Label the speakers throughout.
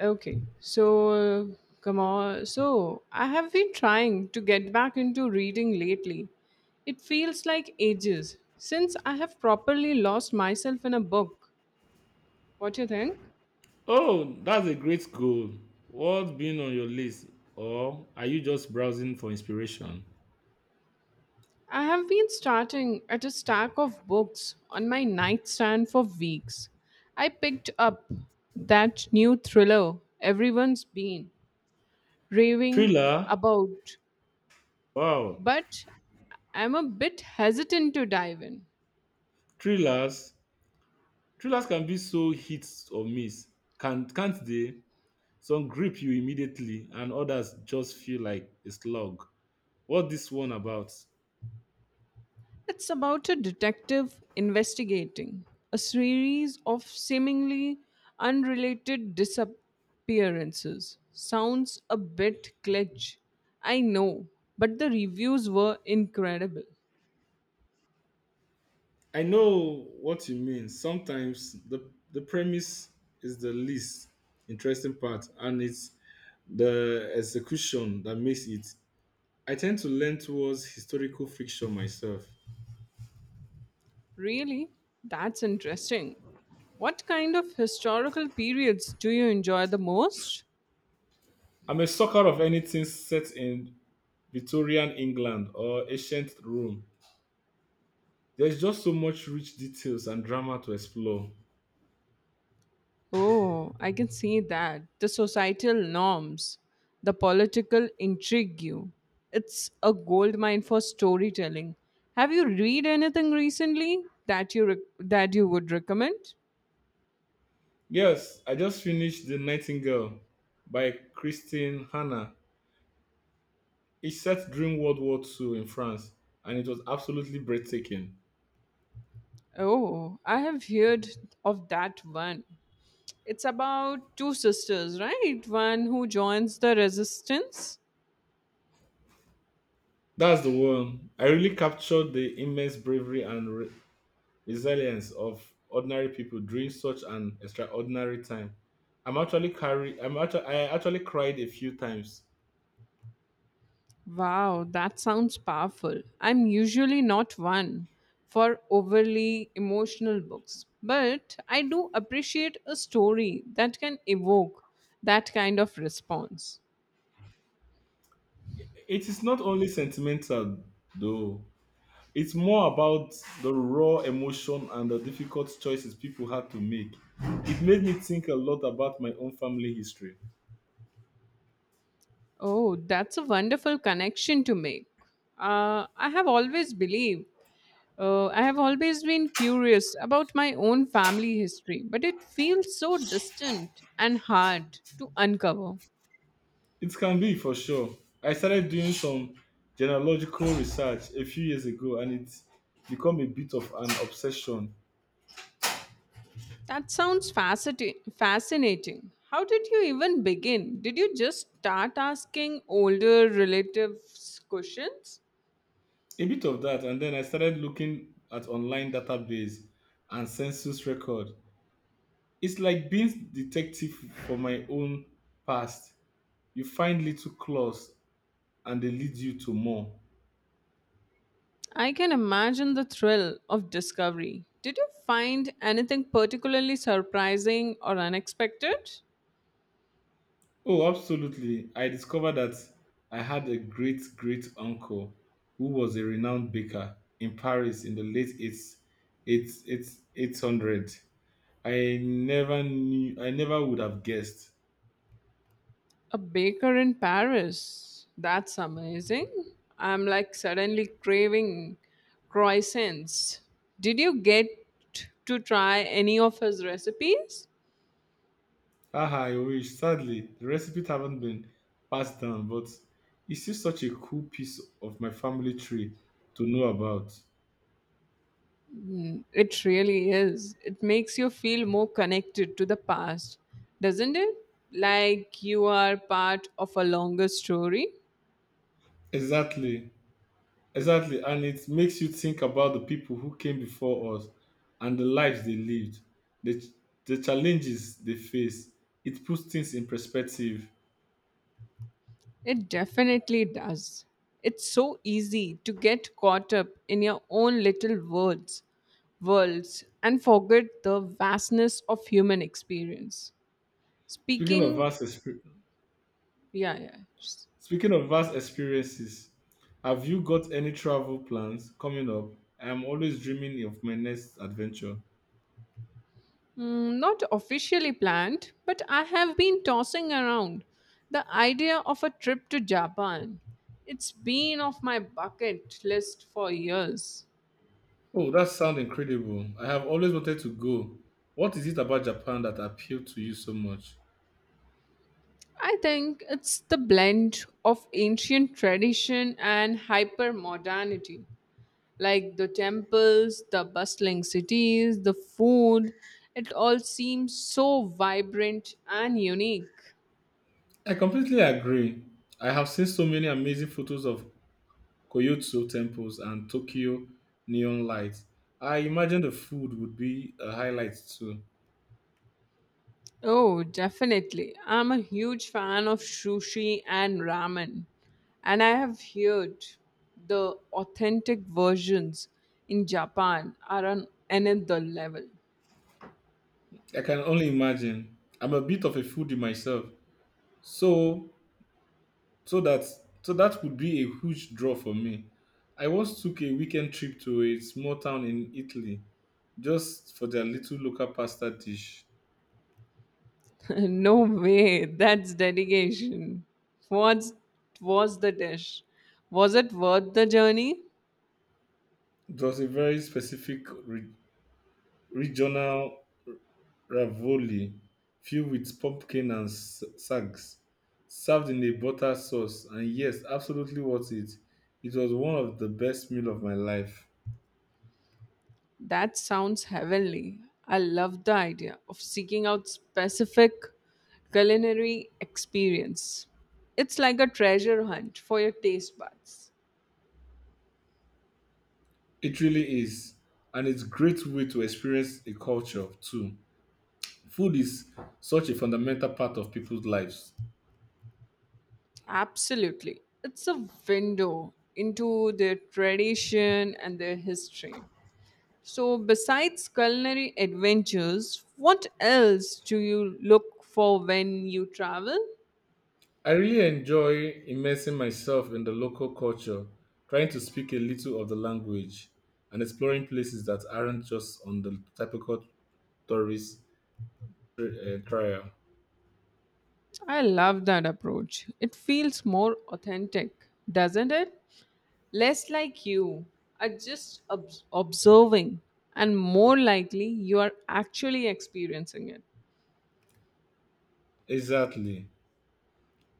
Speaker 1: Okay, so come on. So I have been trying to get back into reading lately. It feels like ages since I have properly lost myself in a book. What do you think?
Speaker 2: Oh, that's a great goal. What's been on your list? Or are you just browsing for inspiration?
Speaker 1: I have been starting at a stack of books on my nightstand for weeks. I picked up that new thriller everyone's been raving
Speaker 2: Thriller?
Speaker 1: about,
Speaker 2: Wow.
Speaker 1: but I'm a bit hesitant to dive in.
Speaker 2: Thrillers. Thrillers can be so hit or miss. Can't they? Some grip you immediately and others just feel like a slog. What this one about?
Speaker 1: It's about a detective investigating a series of seemingly unrelated disappearances. Sounds a bit glitch, I know, but the reviews were incredible.
Speaker 2: I know what you mean. Sometimes the premise is the least interesting part and it's the execution that makes it. I tend to lean towards historical fiction myself.
Speaker 1: Really? That's interesting. What kind of historical periods do you enjoy the most?
Speaker 2: I'm a sucker of anything set in Victorian England or ancient Rome. There's just so much rich details and drama to explore.
Speaker 1: Oh, I can see that. The societal norms, the political intrigue. You. It's a gold mine for storytelling. Have you read anything recently that that you would recommend?
Speaker 2: Yes, I just finished The Nightingale by Christine Hanna. It's set during World War II in France and it was absolutely breathtaking.
Speaker 1: Oh, I have heard of that one. It's about two sisters, right? One who joins the resistance.
Speaker 2: That's the one. I really captured the immense bravery and resilience of ordinary people during such an extraordinary time. I'm actually carry I'm actually I actually cried a few times.
Speaker 1: Wow, that sounds powerful. I'm usually not one for overly emotional books, but I do appreciate a story that can evoke that kind of response.
Speaker 2: It is not only sentimental though. It's more about the raw emotion and the difficult choices people had to make. It made me think a lot about my own family history.
Speaker 1: Oh, that's a wonderful connection to make. Uh, I have always believed, I have always been curious about my own family history, but it feels so distant and hard to uncover.
Speaker 2: It can be for sure. I started doing some genealogical research a few years ago and it's become a bit of an obsession.
Speaker 1: That sounds fascinating. Fascinating. How did you even begin? Did you just start asking older relatives questions?
Speaker 2: A bit of that, and then I started looking at online database and census record. It's like being detective for my own past. You find little clues and they lead you to more.
Speaker 1: I can imagine the thrill of discovery. Did you find anything particularly surprising or unexpected?
Speaker 2: Oh, absolutely. I discovered that I had a great great uncle who was a renowned baker in Paris in the late eights, 8 8 800. I never would have guessed.
Speaker 1: A baker in Paris. That's amazing. I'm like suddenly craving croissants. Did you get to try any of his recipes?
Speaker 2: Ah, I wish. Sadly, the recipes haven't been passed down, but it's still such a cool piece of my family tree to know about.
Speaker 1: Mm, it really is. It makes you feel more connected to the past, doesn't it? Like you are part of a longer story.
Speaker 2: Exactly, exactly. And it makes you think about the people who came before us and the lives they lived, the, the challenges they faced. It puts things in perspective.
Speaker 1: It definitely does. It's so easy to get caught up in your own little worlds and forget the vastness of human experience.
Speaker 2: Speaking of
Speaker 1: Speaking,
Speaker 2: vast, exper-
Speaker 1: yeah, yeah.
Speaker 2: Speaking of vast experiences, have you got any travel plans coming up? I am always dreaming of my next adventure.
Speaker 1: Mm, not officially planned, but I have been tossing around the idea of a trip to Japan. It's been off my bucket list for years.
Speaker 2: Oh, that sounds incredible. I have always wanted to go. What is it about Japan that appealed to you so much?
Speaker 1: I think it's the blend of ancient tradition and hyper modernity, like the temples, the bustling cities, the food. It all seems so vibrant and unique.
Speaker 2: I completely agree. I have seen so many amazing photos of Koyotsu temples and Tokyo neon lights. I imagine the food would be a highlight too.
Speaker 1: Oh, definitely. I'm a huge fan of sushi and ramen, and I have heard the authentic versions in Japan are on another level.
Speaker 2: I can only imagine. I'm a bit of a foodie myself, so so that that would be a huge draw for me. I once took a weekend trip to a small town in Italy just for their little local pasta dish.
Speaker 1: No way, that's dedication. What was the dish? Was it worth the journey?
Speaker 2: It was a very specific regional ravioli filled with pumpkin and sags, served in a butter sauce, and yes, absolutely worth it. It was one of the best meal of my life.
Speaker 1: That sounds heavenly. I love the idea of seeking out specific culinary experience. It's like a treasure hunt for your taste buds.
Speaker 2: It really is, and it's great way to experience a culture too. Food is such a fundamental part of people's lives.
Speaker 1: Absolutely. It's a window into their tradition and their history. So, besides culinary adventures, what else do you look for when you travel?
Speaker 2: I really enjoy immersing myself in the local culture, trying to speak a little of the language, and exploring places that aren't just on the typical tourist trail.
Speaker 1: I love that approach. It feels more authentic, doesn't it? Less like you are just observing, and more likely you are actually experiencing it.
Speaker 2: Exactly.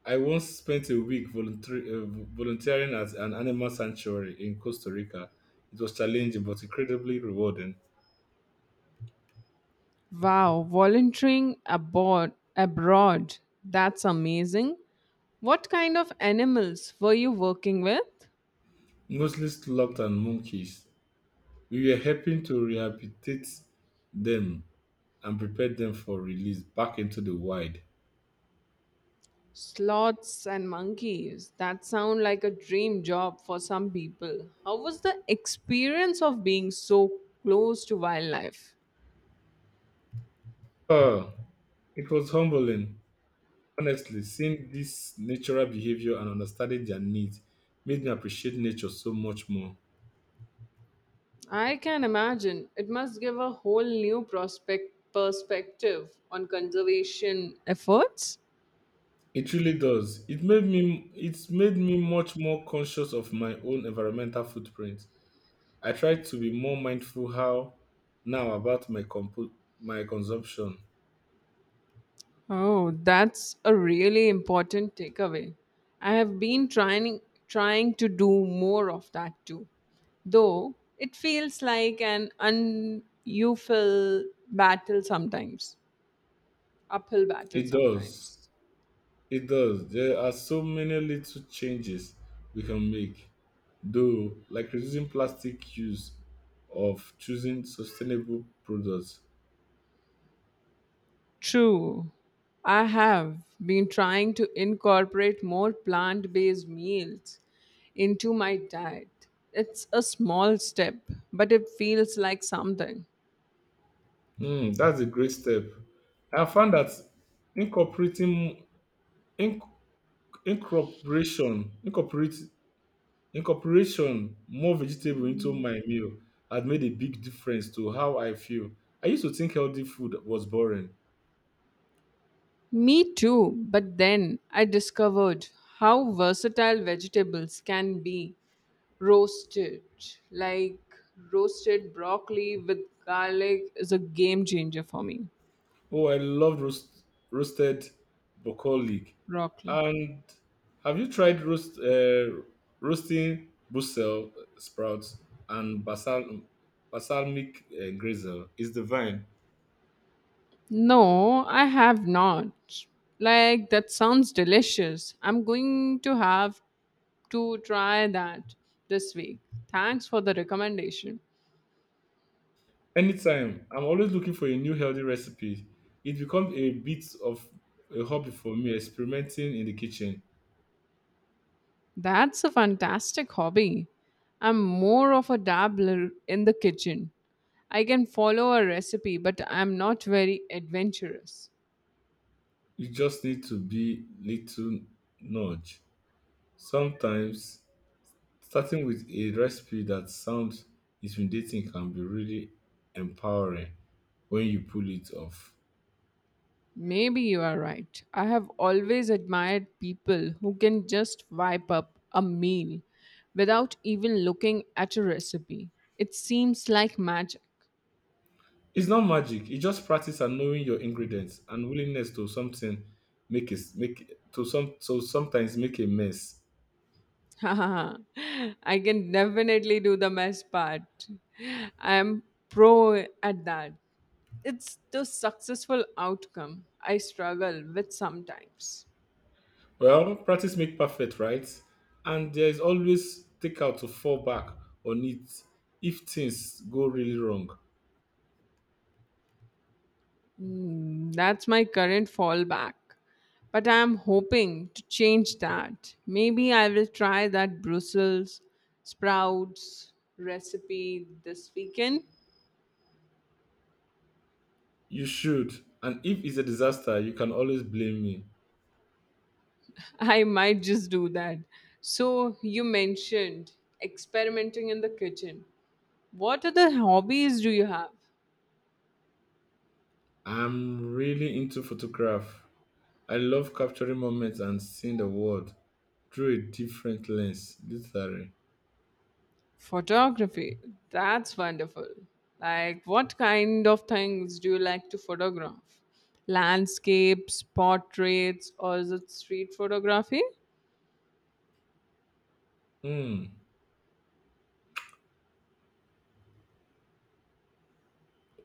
Speaker 2: I once spent a week volunteering at an animal sanctuary in Costa Rica. It was challenging but incredibly rewarding.
Speaker 1: Wow, volunteering abroad, that's amazing. What kind of animals were you working with?
Speaker 2: Mostly sloths and monkeys. We were helping to rehabilitate them and prepare them for release back into the wild.
Speaker 1: Sloths and monkeys. That sound like a dream job for some people. How was the experience of being so close to wildlife?
Speaker 2: Oh, it was humbling, honestly, seeing this natural behavior and understanding their needs made me appreciate nature so much more.
Speaker 1: I can imagine. It must give a whole new prospect perspective on conservation efforts.
Speaker 2: It really does. It's made me much more conscious of my own environmental footprint. I try to be more mindful how now about my my consumption.
Speaker 1: Oh, that's a really important takeaway. I have been trying to do more of that too. Though it feels like an unful battle sometimes. Uphill battle
Speaker 2: It does.
Speaker 1: sometimes.
Speaker 2: It does. There are so many little changes we can make. Though like reducing plastic use of choosing sustainable products.
Speaker 1: True. I have been trying to incorporate more plant based meals into my diet. It's a small step, but it feels like something.
Speaker 2: Mm, that's a great step. I have found that incorporating inc- incorporation incorporate incorporation more vegetable into my meal had made a big difference to how I feel. I used to think healthy food was boring.
Speaker 1: Me too, but then I discovered how versatile vegetables can be roasted. Like roasted broccoli with garlic is a game changer for me.
Speaker 2: Oh, I love roasted broccoli.
Speaker 1: Broccoli.
Speaker 2: And have you tried roasting Brussels sprouts and basal balsamic grisel? It's divine.
Speaker 1: No, I have not. Like, that sounds delicious. I'm going to have to try that this week. Thanks for the recommendation.
Speaker 2: Anytime, I'm always looking for a new healthy recipe. It becomes a bit of a hobby for me, experimenting in the kitchen.
Speaker 1: That's a fantastic hobby. I'm more of a dabbler in the kitchen. I can follow a recipe, but I'm not very adventurous.
Speaker 2: You just need to be little nudge. Sometimes starting with a recipe that sounds intimidating can be really empowering when you pull it off.
Speaker 1: Maybe you are right. I have always admired people who can just wipe up a meal without even looking at a recipe. It seems like magic.
Speaker 2: It's not magic. It's just practice and knowing your ingredients and willingness to something make it make to some so sometimes make a mess.
Speaker 1: I can definitely do the mess part. I am pro at that. It's the successful outcome I struggle with sometimes.
Speaker 2: Well, practice make perfect, right? And there is always takeout to fall back on it if things go really wrong.
Speaker 1: Mm, that's my current fallback. But I'm hoping to change that. Maybe I will try that Brussels sprouts recipe this weekend.
Speaker 2: You should. And if it's a disaster, you can always blame me.
Speaker 1: I might just do that. So, you mentioned experimenting in the kitchen. What other hobbies do you have?
Speaker 2: I'm really into photograph. I love capturing moments and seeing the world through a different lens, literally.
Speaker 1: Photography. That's wonderful. Like, what kind of things do you like to photograph? Landscapes, portraits, or is it street photography?
Speaker 2: Hmm.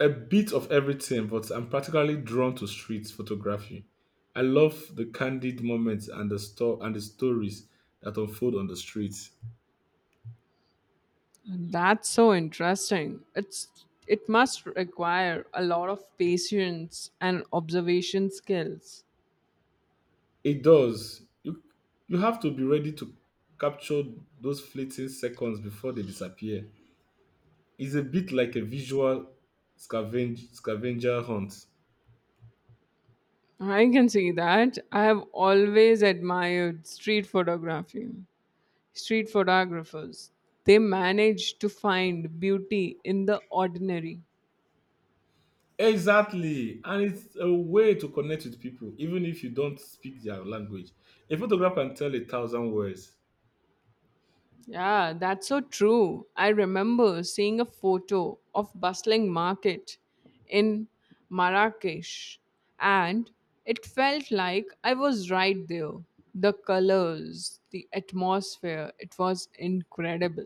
Speaker 2: A bit of everything, but I'm particularly drawn to street photography. I love the candid moments and the store and the stories that unfold on the streets.
Speaker 1: That's so interesting. It must require a lot of patience and observation skills.
Speaker 2: It does. You have to be ready to capture those fleeting seconds before they disappear. It's a bit like a visual scavenger hunt.
Speaker 1: I can see that. I have always admired street photography. Street photographers, they manage to find beauty in the ordinary.
Speaker 2: Exactly. And it's a way to connect with people, even if you don't speak their language. A photograph can tell a thousand words.
Speaker 1: Yeah, that's so true. I remember seeing a photo of bustling market in Marrakesh and it felt like I was right there. The colors, the atmosphere, it was incredible.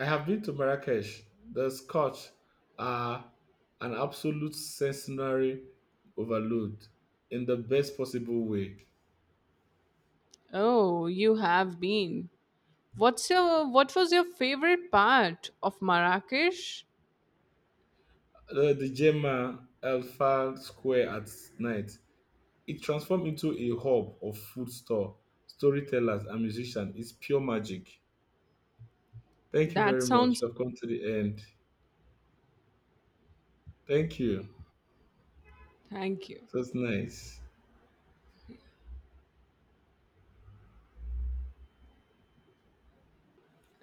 Speaker 2: I have been to Marrakesh. The Scotch are an absolute sensory overload in the best possible way.
Speaker 1: Oh, you have been. What was your favorite part of Marrakesh?
Speaker 2: The Gemma Alpha Square at night. It transformed into a hub of storytellers, and musicians. It's pure magic. Thank you
Speaker 1: That
Speaker 2: very much.
Speaker 1: sounds
Speaker 2: I've come to the end. Thank you.
Speaker 1: thank you.
Speaker 2: That's nice.